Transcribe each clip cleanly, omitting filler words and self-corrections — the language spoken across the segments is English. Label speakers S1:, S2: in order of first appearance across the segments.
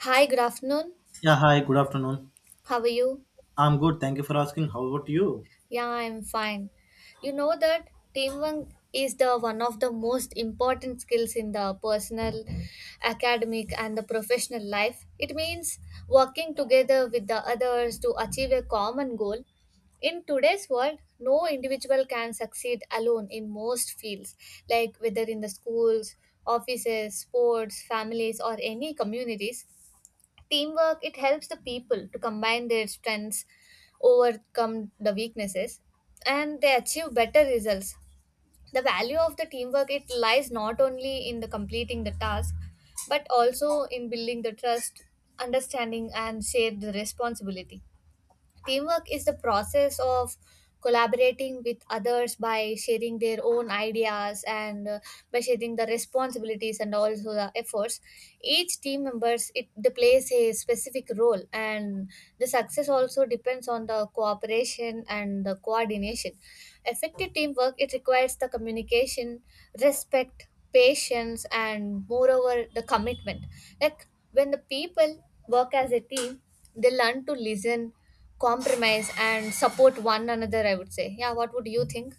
S1: Hi, good afternoon.
S2: Yeah, hi, good afternoon.
S1: How are you?
S2: I'm good. Thank you for asking. How about you?
S1: Yeah, I'm fine. You know that teamwork is the one of the most important skills in the personal, academic, and the professional life. It means working together with the others to achieve a common goal. In today's world, no individual can succeed alone in most fields, like whether in the schools, offices, sports, families, or any communities. Teamwork, it helps the people to combine their strengths, overcome the weaknesses, and they achieve better results. The value of the teamwork, it lies not only in the completing the task, but also in building the trust, understanding, and shared the responsibility. Teamwork is the process of collaborating with others by sharing their own ideas and by sharing the responsibilities and also the efforts. Each team members it they plays a specific role, and the success also depends on the cooperation and the coordination. Effective teamwork it requires the communication, respect, patience, and moreover the commitment. Like when the people work as a team, they learn to listen, compromise, and support one another, I would say. Yeah, what would you think?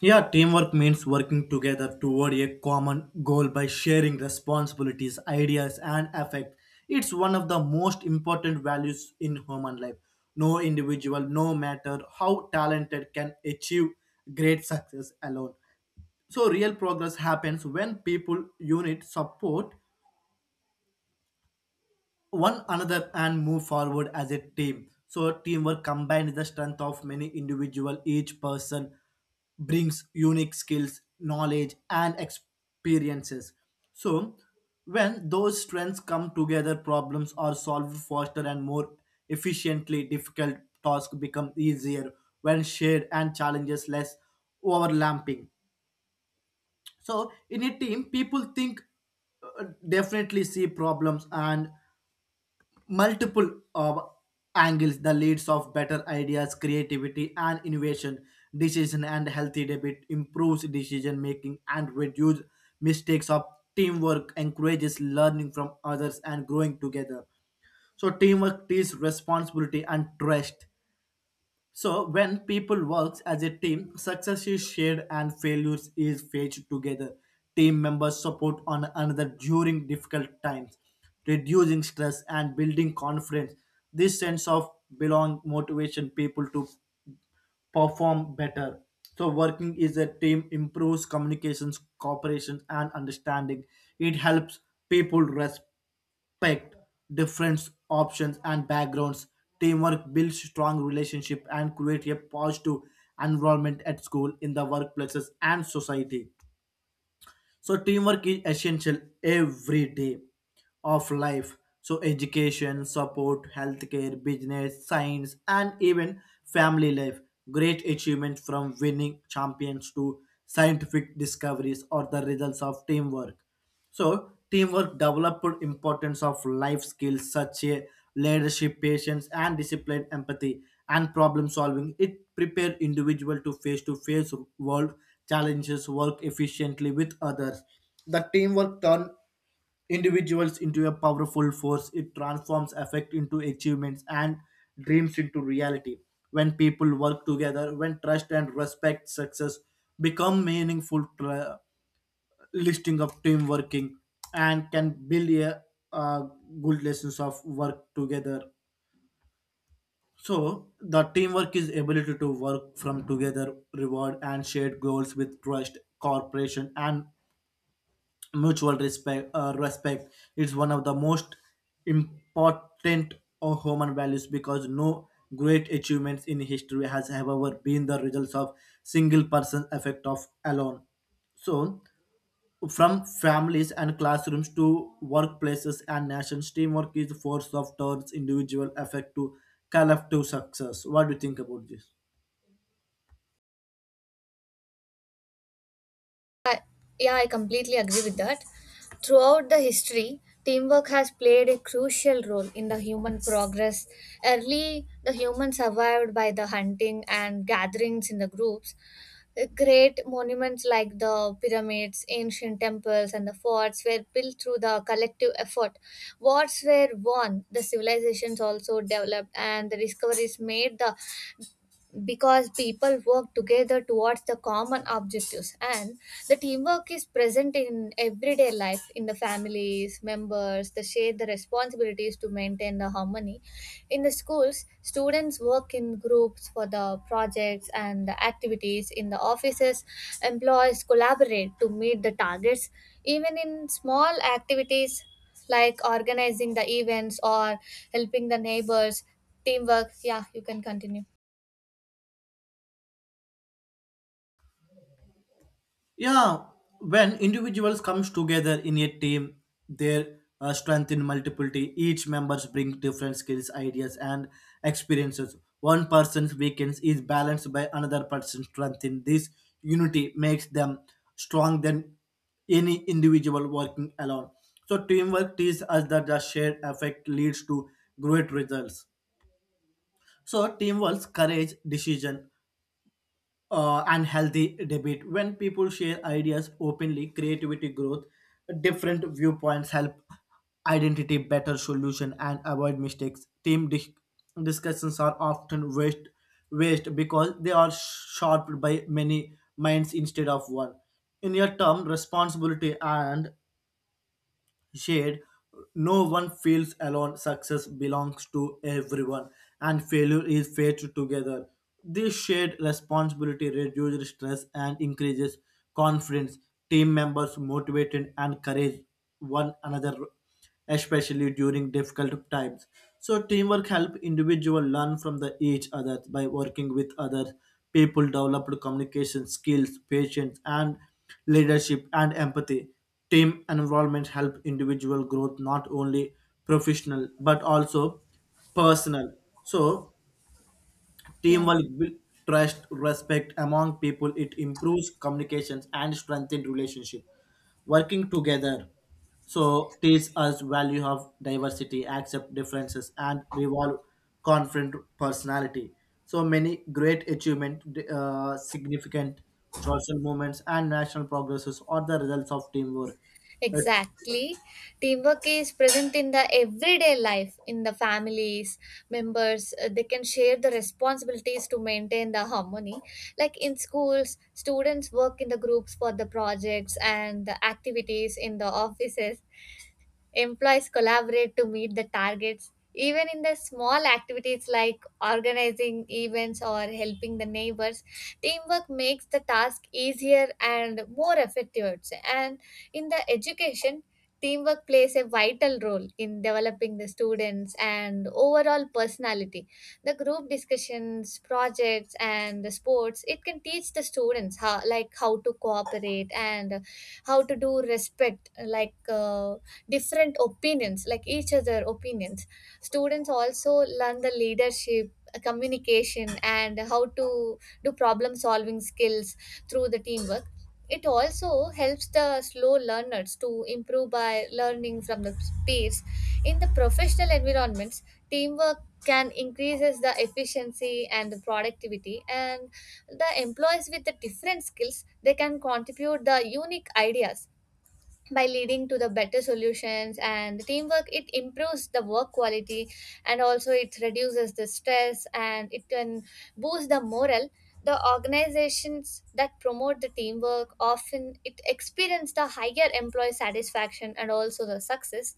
S2: Yeah, teamwork means working together toward a common goal by sharing responsibilities, ideas, and affect. It's one of the most important values in human life. No individual, no matter how talented, can achieve great success alone. So, real progress happens when people unite, support, one another and move forward as a team. So teamwork combined the strength of many individual. Each person brings unique skills, knowledge, and experiences. So when those strengths come together, problems are solved faster and more efficiently. Difficult tasks become easier when shared and challenges less overlapping. So in a team, people think uh, definitely see problems and multiple of angles the leads of better ideas, creativity and innovation decision and healthy debate improves decision making and reduce mistakes of teamwork encourages learning from others and growing together. So teamwork is responsibility and trust. So when people works as a team, success is shared and failures is faced together. Team members support one another during difficult times, reducing stress and building confidence. This sense of belong motivation people to perform better. So working is a team improves communications, cooperation, and understanding. It helps people respect different options and backgrounds. Teamwork builds strong relationship and create a positive environment at school, in the workplaces, and society. So teamwork is essential every day of life. So education, support, healthcare, business, science, and even family life. Great achievements from winning champions to scientific discoveries or the results of teamwork. So teamwork developed importance of life skills such as leadership, patience, and discipline, empathy, and problem solving. It prepared individual to face world challenges, work efficiently with others. The teamwork turned individuals into a powerful force. It transforms effect into achievements and dreams into reality. When people work together, when trust and respect, success become meaningful. Listing of team working and can build a, uh good lessons of work together. So the teamwork is ability to work from together reward and shared goals with trust, cooperation and mutual respect. Respect is one of the most important of human values because no great achievements in history has ever been the results of single person effect of alone. So from families and classrooms to workplaces and nations, teamwork is a force of towards individual effect to collective success. What do you think about this?
S1: I, yeah, I completely agree with that. Throughout the history, teamwork has played a crucial role in the human progress. Early the humans survived by the hunting and gatherings in the groups. Great monuments like the pyramids, ancient temples, and the forts were built through the collective effort. Wars were won, the civilizations also developed, and the discoveries made the, because people work together towards the common objectives. And the teamwork is present in everyday life. In the families, members they share the responsibilities to maintain the harmony. In the schools, students work in groups for the projects and the activities. In the offices, employees collaborate to meet the targets, even in small activities like organizing the events or helping the neighbors. Teamwork, yeah, you can continue.
S2: Yeah, when individuals comes together in a team, their strength in multiplicity. Each members bring different skills, ideas, and experiences. One person's weakness is balanced by another person's strength. In this unity makes them strong than any individual working alone. So teamwork teaches us that the shared effect leads to great results. So teamwork, courage, decision, and healthy debate. When people share ideas openly, creativity growth, different viewpoints help identity better solution and avoid mistakes. Team discussions are often waste, because they are shaped by many minds instead of one. In your term, responsibility and shade. No one feels alone. Success belongs to everyone, and failure is faced together. This shared responsibility reduces stress and increases confidence. Team members motivated and encourage one another, especially during difficult times. So teamwork help individual learn from the each other by working with others. People develop communication skills, patience, and leadership and empathy. Team involvement help individual growth, not only professional but also personal. So
S1: Yeah.
S2: teamwork build trust, respect among people. It improves communications and strengthen relationship. Working together so teach us value of diversity, accept differences, and revolve confident personality. So many great achievement, significant social movements, and national progresses are the results of teamwork. Uh,
S1: Exactly. Teamwork is present in the everyday life. In the families, members, they can share the responsibilities to maintain the harmony. Like in schools, students work in the groups for the projects and the activities. In the offices, employees collaborate to meet the targets, even in the small activities like organizing events or helping the neighbors. Teamwork makes the task easier and more effective, I would say. And in the education, teamwork plays a vital role in developing the students and overall personality. The group discussions, projects, and the sports it can teach the students how, like how to cooperate and how to do respect, like different opinions, like each other opinions. Students also learn the leadership, communication, and how to do problem solving skills through the teamwork. It also helps the slow learners to improve by learning from the peers. In the professional environments, teamwork can increases the efficiency and the productivity, and the employees with the different skills they can contribute the unique ideas, by leading to the better solutions. And the teamwork it improves the work quality, and also it reduces the stress, and it can boost the morale. The organizations that promote the teamwork often it experience the higher employee satisfaction and also the success.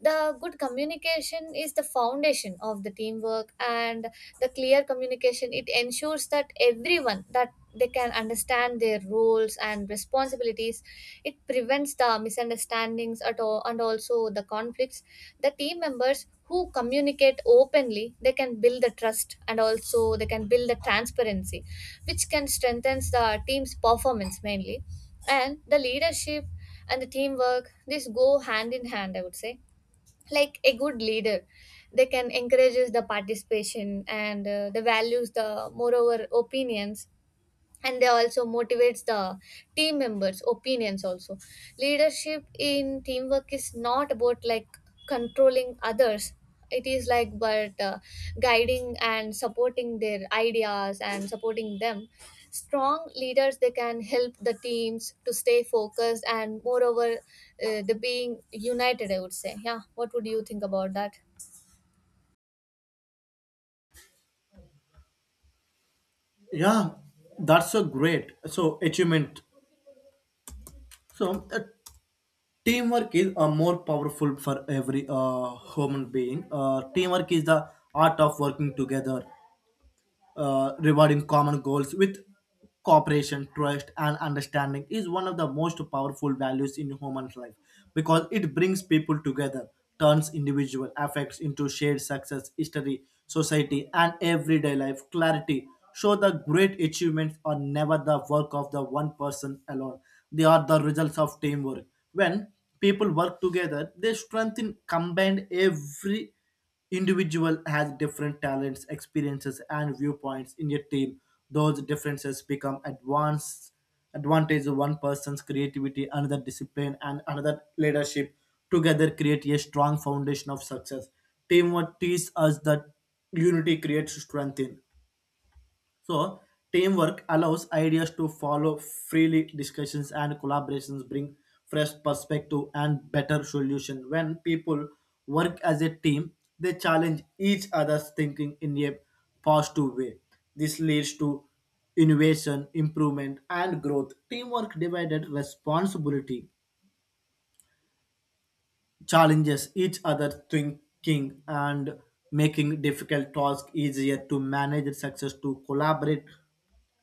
S1: The good communication is the foundation of the teamwork. And the clear communication it ensures that everyone that they can understand their roles and responsibilities. It prevents the misunderstandings at all, and also the conflicts. The team members who communicate openly they can build the trust, and also they can build the transparency, which can strengthen the team's performance mainly. And the leadership and the teamwork, this go hand in hand, I would say. Like a good leader, they can encourages the participation and the values the moreover opinions, and they also motivates the team members opinions also. Leadership in teamwork is not about like controlling others. It is like, but guiding and supporting their ideas and supporting them. Strong leaders they can help the teams to stay focused and moreover the being united, I would say. Yeah, what would you think about that?
S2: Yeah, that's a great so achievement. So teamwork is a more powerful for every human being. Teamwork is the art of working together rewarding common goals with cooperation, trust, and understanding is one of the most powerful values in human life because it brings people together, turns individual effects into shared success, history, society, and everyday life. Clarity show the great achievements are never the work of the one person alone; they are the results of teamwork. When people work together, they strengthen combined. Every individual has different talents, experiences and viewpoints in a team. Those differences become advanced advantage. One person's creativity, another discipline and another leadership together create a strong foundation of success. Teamwork teaches us that unity creates strength in. So teamwork allows ideas to follow freely. Discussions and collaborations bring fresh perspective and better solution. When people work as a team, they challenge each other's thinking in a positive way. This leads to innovation, improvement, and growth. Teamwork divided responsibility, challenges each other thinking and making difficult tasks easier to manage success to collaborate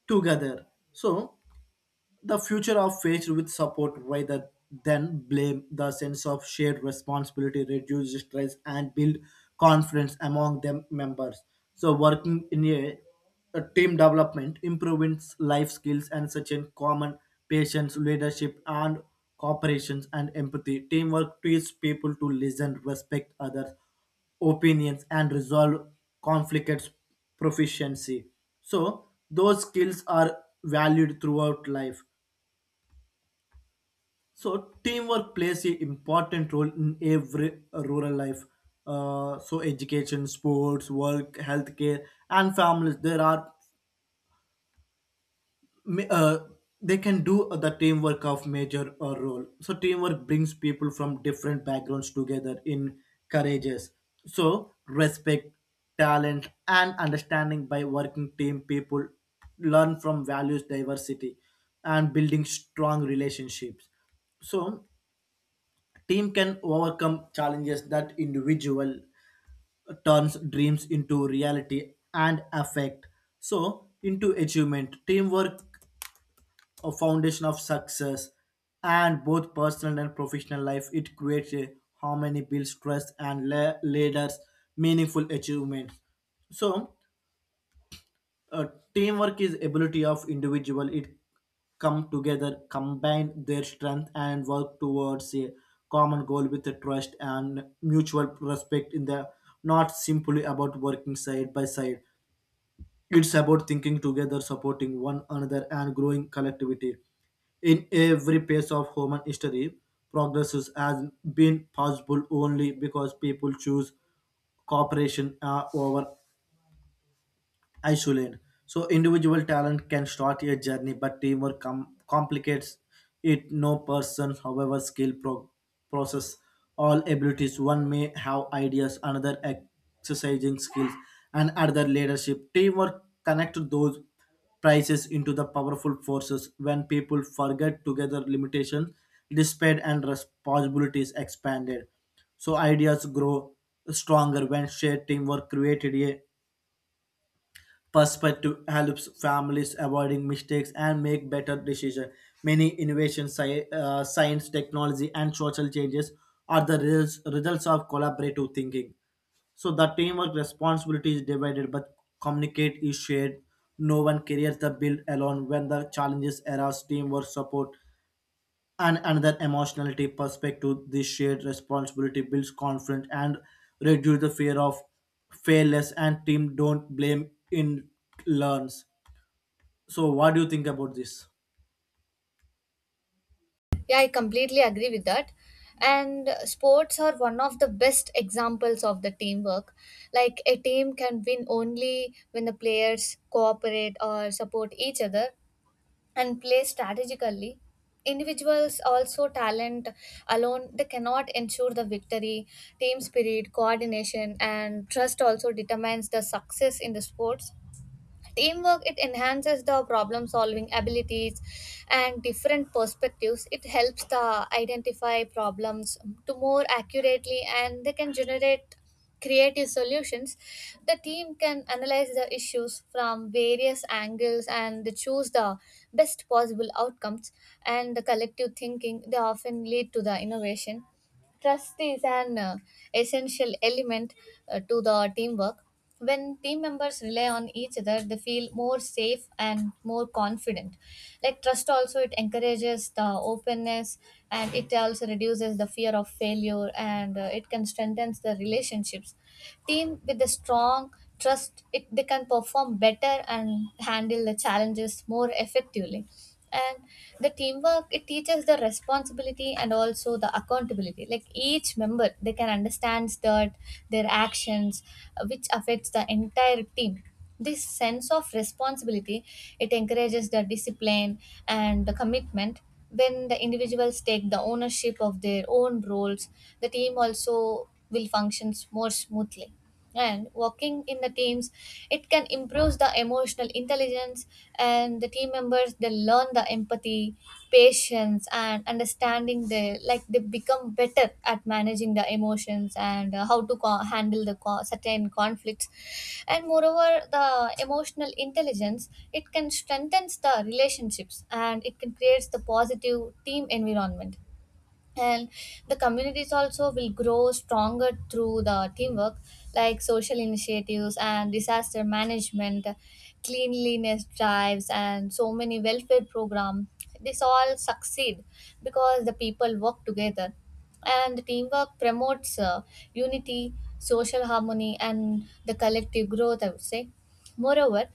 S2: together. So the future of faced with support rather than blame, the sense of shared responsibility reduces stress and build confidence among them members. So working in a team development improves life skills and such in common, patience, leadership and cooperations and empathy. Teamwork teaches people to listen, respect others opinions and resolve conflicts proficiency. So those skills are valued throughout life. So teamwork plays an important role in every rural life. So education, sports, work, healthcare, and families. There are ma- uh, they can do the teamwork of major role. So teamwork brings people from different backgrounds together in courageous. So respect, talent, and understanding by working team. People learn from values diversity and building strong relationships. So team can overcome challenges that individual turns dreams into reality and affect so into achievement. Teamwork a foundation of success and both personal and professional life. It creates a harmony, builds trust and leaders meaningful achievements. So uh, teamwork is ability of individual it come together, combine their strength and work towards a common goal with a trust and mutual respect in the not simply about working side by side. It's about thinking together, supporting one another and growing collectivity. In every phase of human history, progress has been possible only because people choose cooperation over isolate. So individual talent can start a journey, but teamwork complicates it. No person, however skilled, process all abilities. One may have ideas, another exercising skills, and another leadership. Teamwork connects those prices into the powerful forces. When people forget together limitations, despite and responsibilities expanded. So ideas grow stronger when shared. Teamwork created a perspective, helps families avoiding mistakes and make better decisions. Many innovations, science, technology, and social changes are the results of collaborative thinking. So the teamwork responsibility is divided, but communicate is shared. No one carries the bill alone. When the challenges arise, teamwork support and another emotional deep perspective. This shared responsibility builds confidence and reduce the fear of failures and team don't blame in learns. So what do you think about this?
S1: Yeah, I completely agree with that. And sports are one of the best examples of the teamwork. Like a team can win only when the players cooperate or support each other and play strategically. Individuals also talent alone they cannot ensure the victory. Team spirit, coordination, and trust also determines the success in the sports. Teamwork it enhances the problem solving abilities, and different perspectives it helps the identify problems to more accurately, and they can generate creative solutions. The team can analyze the issues from various angles, and they choose the best possible outcomes. And the collective thinking they often lead to the innovation. Trust is an essential element to the teamwork. When team members rely on each other, they feel more safe and more confident. Like trust, also it encourages the openness, and it also reduces the fear of failure, and it can strengthen the relationships. Team with a strong trust, it they can perform better and handle the challenges more effectively. And the teamwork it teaches the responsibility and also the accountability. Like each member they can understand that their actions, which affects the entire team. This sense of responsibility it encourages the discipline and the commitment. When the individuals take the ownership of their own roles, the team also will functions more smoothly. And working in the teams it can improve the emotional intelligence. And the team members they learn the empathy, patience, and understanding. They like they become better at managing the emotions and how to handle the certain conflicts. And moreover the emotional intelligence it can strengthens the relationships, and it can creates the positive team environment. And the communities also will grow stronger through the teamwork. Like social initiatives and disaster management, cleanliness drives, and so many welfare programs, this all succeed because the people work together. And the teamwork promotes unity, social harmony, and the collective growth, I would say. Moreover,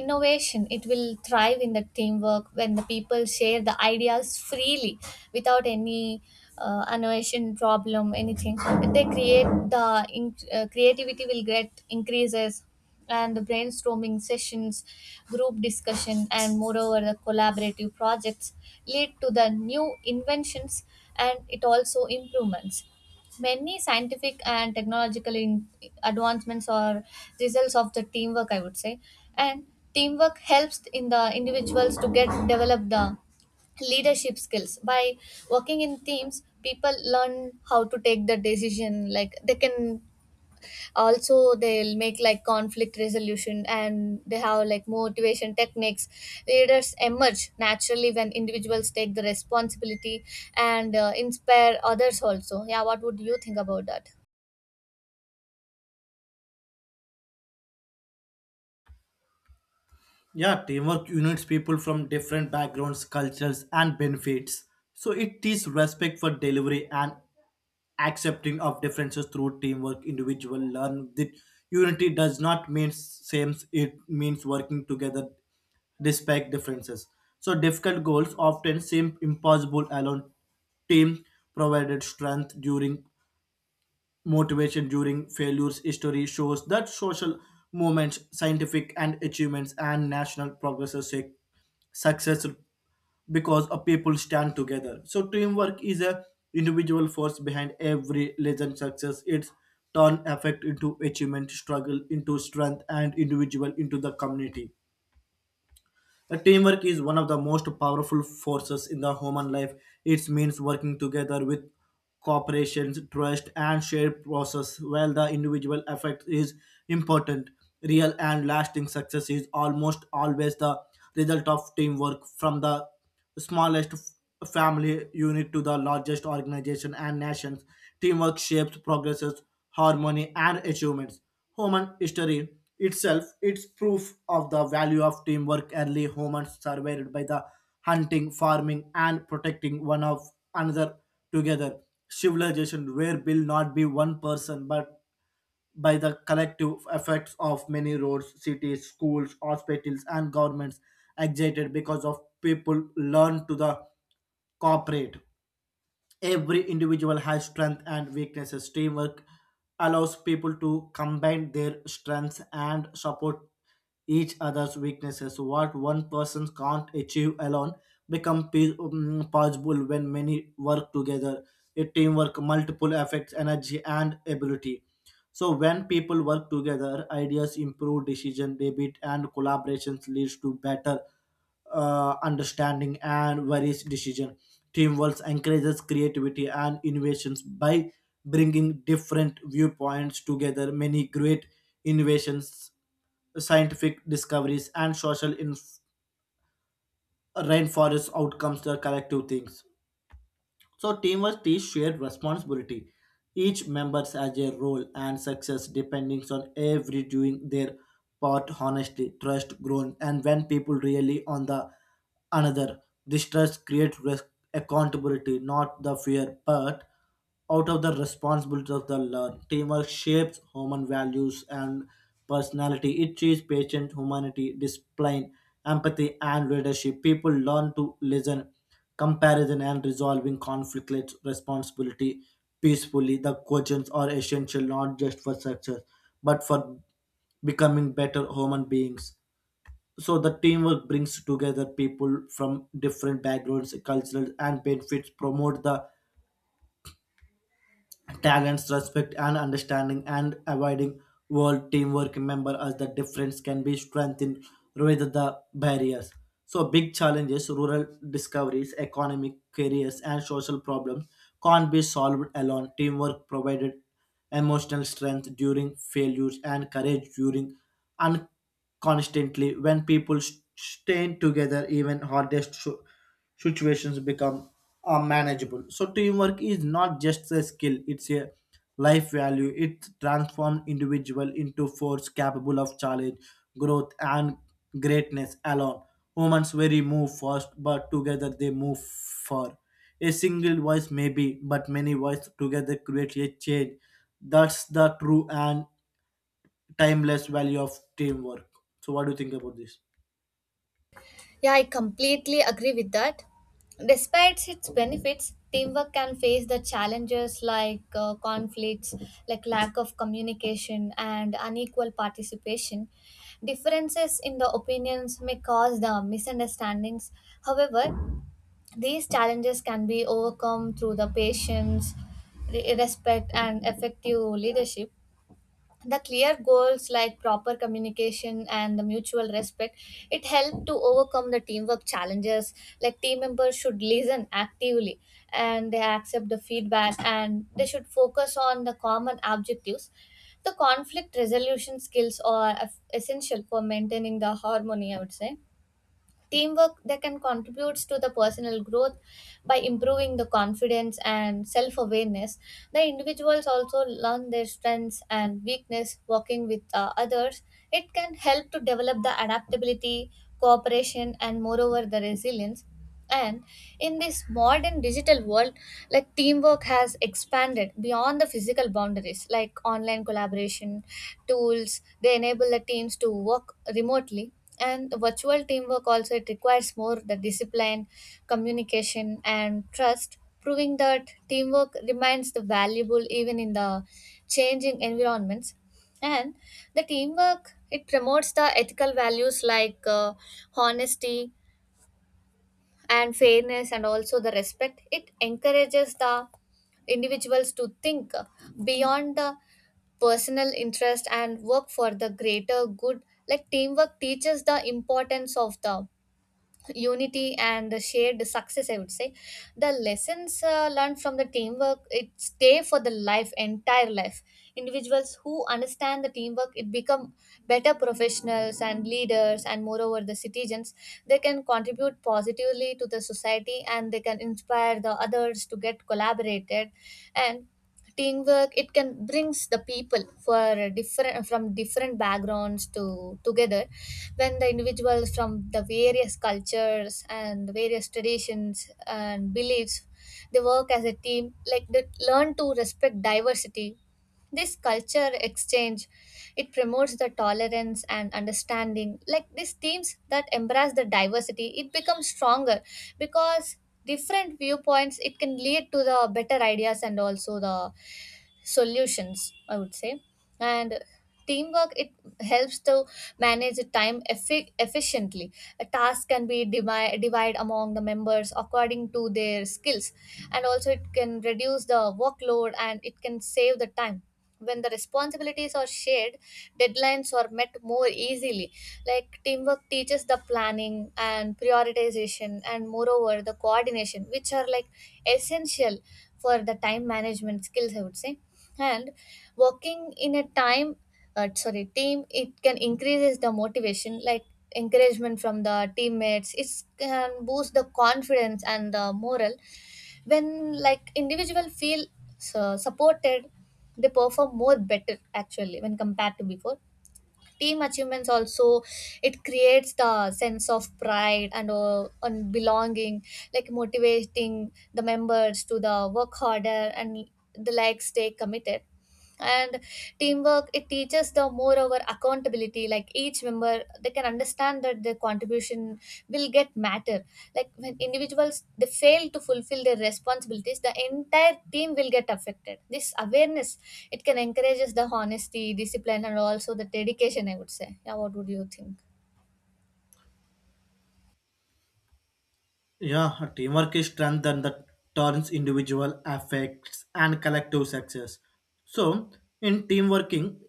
S1: innovation it will thrive in the teamwork when the people share the ideas freely without any innovation problem, anything. They create the creativity will get increases. And the brainstorming sessions, group discussion, and moreover the collaborative projects lead to the new inventions, and it also improvements. Many scientific and technological advancements are results of the teamwork, I would say. And teamwork helps in the individuals to get develop the leadership skills. By working in teams, people learn how to take the decision, like they can also they'll make like conflict resolution, and they have like motivation techniques. Leaders emerge naturally when individuals take the responsibility and inspire others also. Yeah, what would you think about that?
S2: Yeah, teamwork unites people from different backgrounds, cultures and benefits. So it is respect for delivery and accepting of differences. Through teamwork individual learn that unity does not mean same, it means working together despite differences. So difficult goals often seem impossible alone. Team provided strength during motivation during failures. History shows that social movements, scientific and achievements and national progresses take success because a people stand together. So teamwork is a individual force behind every legend success. It's turn effect into achievement, struggle into strength, and individual into the community. The teamwork is one of the most powerful forces in the human life. It means working together with cooperation, trust, and shared process. While the individual effect is important, real and lasting success is almost always the result of teamwork, from the smallest family unit to the largest organization and nations. Teamwork shapes progresses, harmony, and achievements. Human history itself is proof of the value of teamwork. Early humans survived by the hunting, farming, and protecting one of another together. Civilization were built not be one person but by the collective effects of many. Roads, cities, schools, hospitals, and governments excited because of people learn to the cooperate. Every individual has strength and weaknesses. Teamwork allows people to combine their strengths and support each other's weaknesses. What one person can't achieve alone become possible when many work together. A teamwork multiple affects energy and ability. So when people work together, ideas improve decision debit and collaborations leads to better understanding and various decision. Teamwork encourages creativity and innovations by bringing different viewpoints together. Many great innovations, scientific discoveries, and social rainforest outcomes are collective things. So teamwork is shared responsibility. Each member has a role and success depending on every doing their part honestly. Trust grown, and when people really on the another, this trust creates risk accountability, not the fear part out of the responsibilities of the learn. Teamwork shapes human values and personality. It teaches patience, humanity, discipline, empathy, and leadership. People learn to listen, comparison, and resolving conflict responsibility peacefully. The questions are essential not just for success, but for becoming better human beings. So the teamwork brings together people from different backgrounds, cultures, and benefits. Promote the talents, respect, and understanding, and avoiding world teamwork. Remember, as the difference can be strengthened rather the barriers. So, big challenges, rural discoveries, economic careers, and social problems can't be solved alone. Teamwork provided emotional strength during failures and courage during unconstantly. When people stand together, even hardest sh- situations become unmanageable. So teamwork is not just a skill, it's a life value. It transforms individual into force capable of challenge, growth and greatness alone. Humans very move fast, but together they move far. A single voice maybe, but many voices together create a change. That's the true and timeless value of teamwork. So what do you think about this?
S1: Yeah, I completely agree with that. Despite its benefits, teamwork can face the challenges like conflicts, like lack of communication, and unequal participation. Differences in the opinions may cause the misunderstandings. However, these challenges can be overcome through the patience, respect, and effective leadership. The clear goals like proper communication and the mutual respect it helped to overcome the teamwork challenges. Like team members should listen actively, and they accept the feedback, and they should focus on the common objectives. The conflict resolution skills are essential for maintaining the harmony, I would say. Teamwork that can contribute to the personal growth by improving the confidence and self awareness. The individuals also learn their strengths and weakness working with others. It can help to develop the adaptability, cooperation, and moreover the resilience. And in this modern digital world, like teamwork has expanded beyond the physical boundaries, like online collaboration tools, they enable the teams to work remotely. And the virtual teamwork also it requires more the discipline, communication, and trust, proving that teamwork remains the valuable even in the changing environments. And the teamwork it promotes the ethical values like honesty, and fairness, and also the respect. It encourages the individuals to think beyond the personal interest and work for the greater good. Like teamwork teaches the importance of the unity and the shared success, I would say. The lessons learned from the teamwork it stay for the life entire life. Individuals who understand the teamwork it become better professionals and leaders and moreover the citizens. They can contribute positively to the society, and they can inspire the others to get collaborated. And teamwork it can brings the people for different from different backgrounds to together. When the individuals from the various cultures and various traditions and beliefs they work as a team, like they learn to respect diversity. This culture exchange it promotes the tolerance and understanding. Like these teams that embrace the diversity it becomes stronger, because different viewpoints it can lead to the better ideas and also the solutions, I would say. And teamwork it helps to manage the time efficiently. A task can be divide among the members according to their skills, and also it can reduce the workload, and it can save the time. When the responsibilities are shared, deadlines are met more easily. Like teamwork teaches the planning and prioritization, and moreover the coordination, which are like essential for the time management skills, I would say. And working in a time sorry team it can increases the motivation. Like encouragement from the teammates it can boost the confidence and the morale. When like individual feel supported, they perform more better actually when compared to before. Team achievements also it creates the sense of pride and belonging, like motivating the members to the work harder and the like stay committed. And teamwork it teaches the moreover accountability. Like each member they can understand that their contribution will get matter. Like when individuals they fail to fulfill their responsibilities, the entire team will get affected. This awareness it can encourages the honesty, discipline, and also the dedication, I would say. Yeah, what would you think?
S2: Yeah, teamwork is strength that turns individual effects and collective success. So, in team working,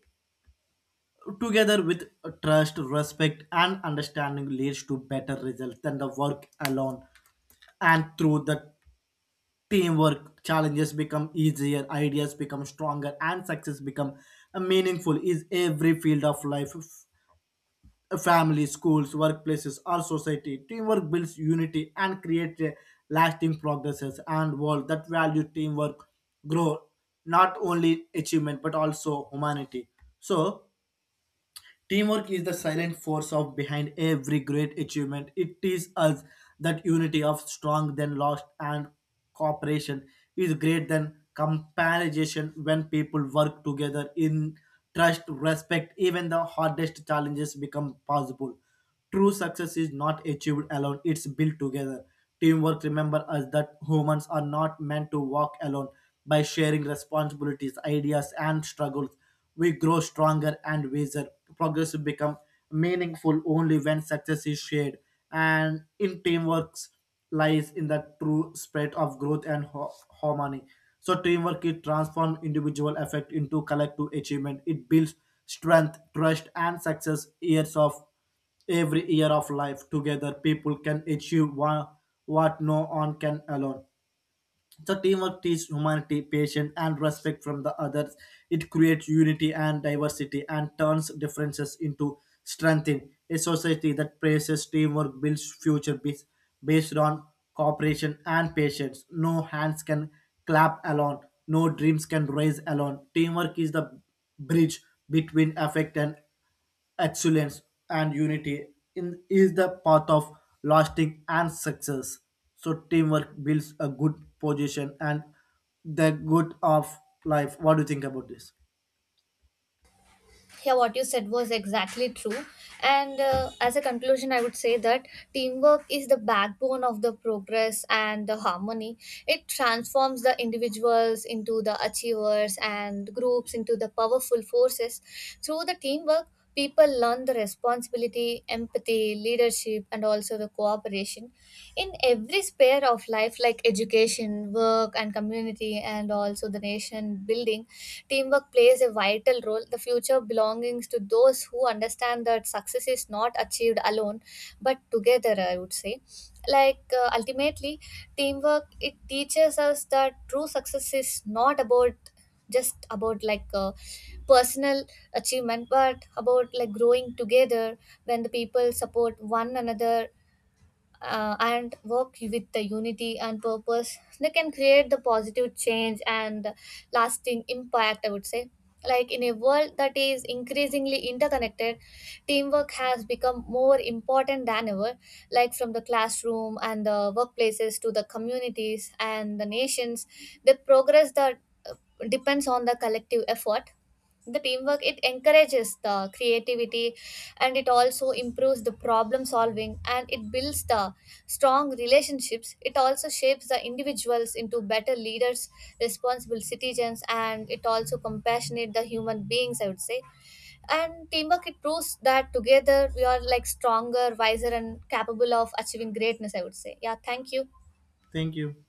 S2: together with trust, respect, and understanding leads to better results than the work alone. And through the teamwork, challenges become easier, ideas become stronger, and success become meaningful. Is every field of life. Family, schools, workplaces, or society. Teamwork builds unity and creates a lasting progresses and world that value teamwork, grow, not only achievement but also humanity. So teamwork is the silent force of behind every great achievement. It is us that unity of strong than lost and cooperation is greater than comparison. When people work together in trust, respect, even the hardest challenges become possible. True success is not achieved alone, it's built together. Teamwork remember us that humans are not meant to walk alone. By sharing responsibilities, ideas, and struggles, we grow stronger and wiser. Progress will become meaningful only when success is shared. And in teamwork lies in the true spirit of growth and harmony. So teamwork it transforms individual effort into collective achievement. It builds strength, trust, and success. Years of every year of life together people can achieve what no one can alone. So teamwork teaches humanity, patience and respect from the others. It creates unity and diversity and turns differences into strength. In a society that praises teamwork builds future based on cooperation and patience. No hands can clap alone, no dreams can rise alone. Teamwork is the bridge between effect and excellence and unity in, is the path of lasting and success. So teamwork builds a good position and the good of life. What do you think about this?
S1: Yeah, what you said was exactly true. And as a conclusion, I would say that teamwork is the backbone of the progress and the harmony. It transforms the individuals into the achievers and groups into the powerful forces. Through the teamwork, people learn the responsibility, empathy, leadership, and also the cooperation. In every sphere of life like education, work, and community, and also the nation building, teamwork plays a vital role. The future belongs to those who understand that success is not achieved alone, but together, I would say. Like ultimately, teamwork it teaches us that true success is not about just about like personal achievement, but about like growing together. When the people support one another, and work with the unity and purpose, they can create the positive change and lasting impact, I would say. Like in a world that is increasingly interconnected, teamwork has become more important than ever. Like from the classroom and the workplaces to the communities and the nations, the progress that uh, depends on the collective effort. The teamwork it encourages the creativity, and it also improves the problem solving, and it builds the strong relationships. It also shapes the individuals into better leaders, responsible citizens, and it also compassionate the human beings, I would say. And teamwork it proves that together we are like stronger, wiser, and capable of achieving greatness, I would say. Yeah, thank you.
S2: Thank you.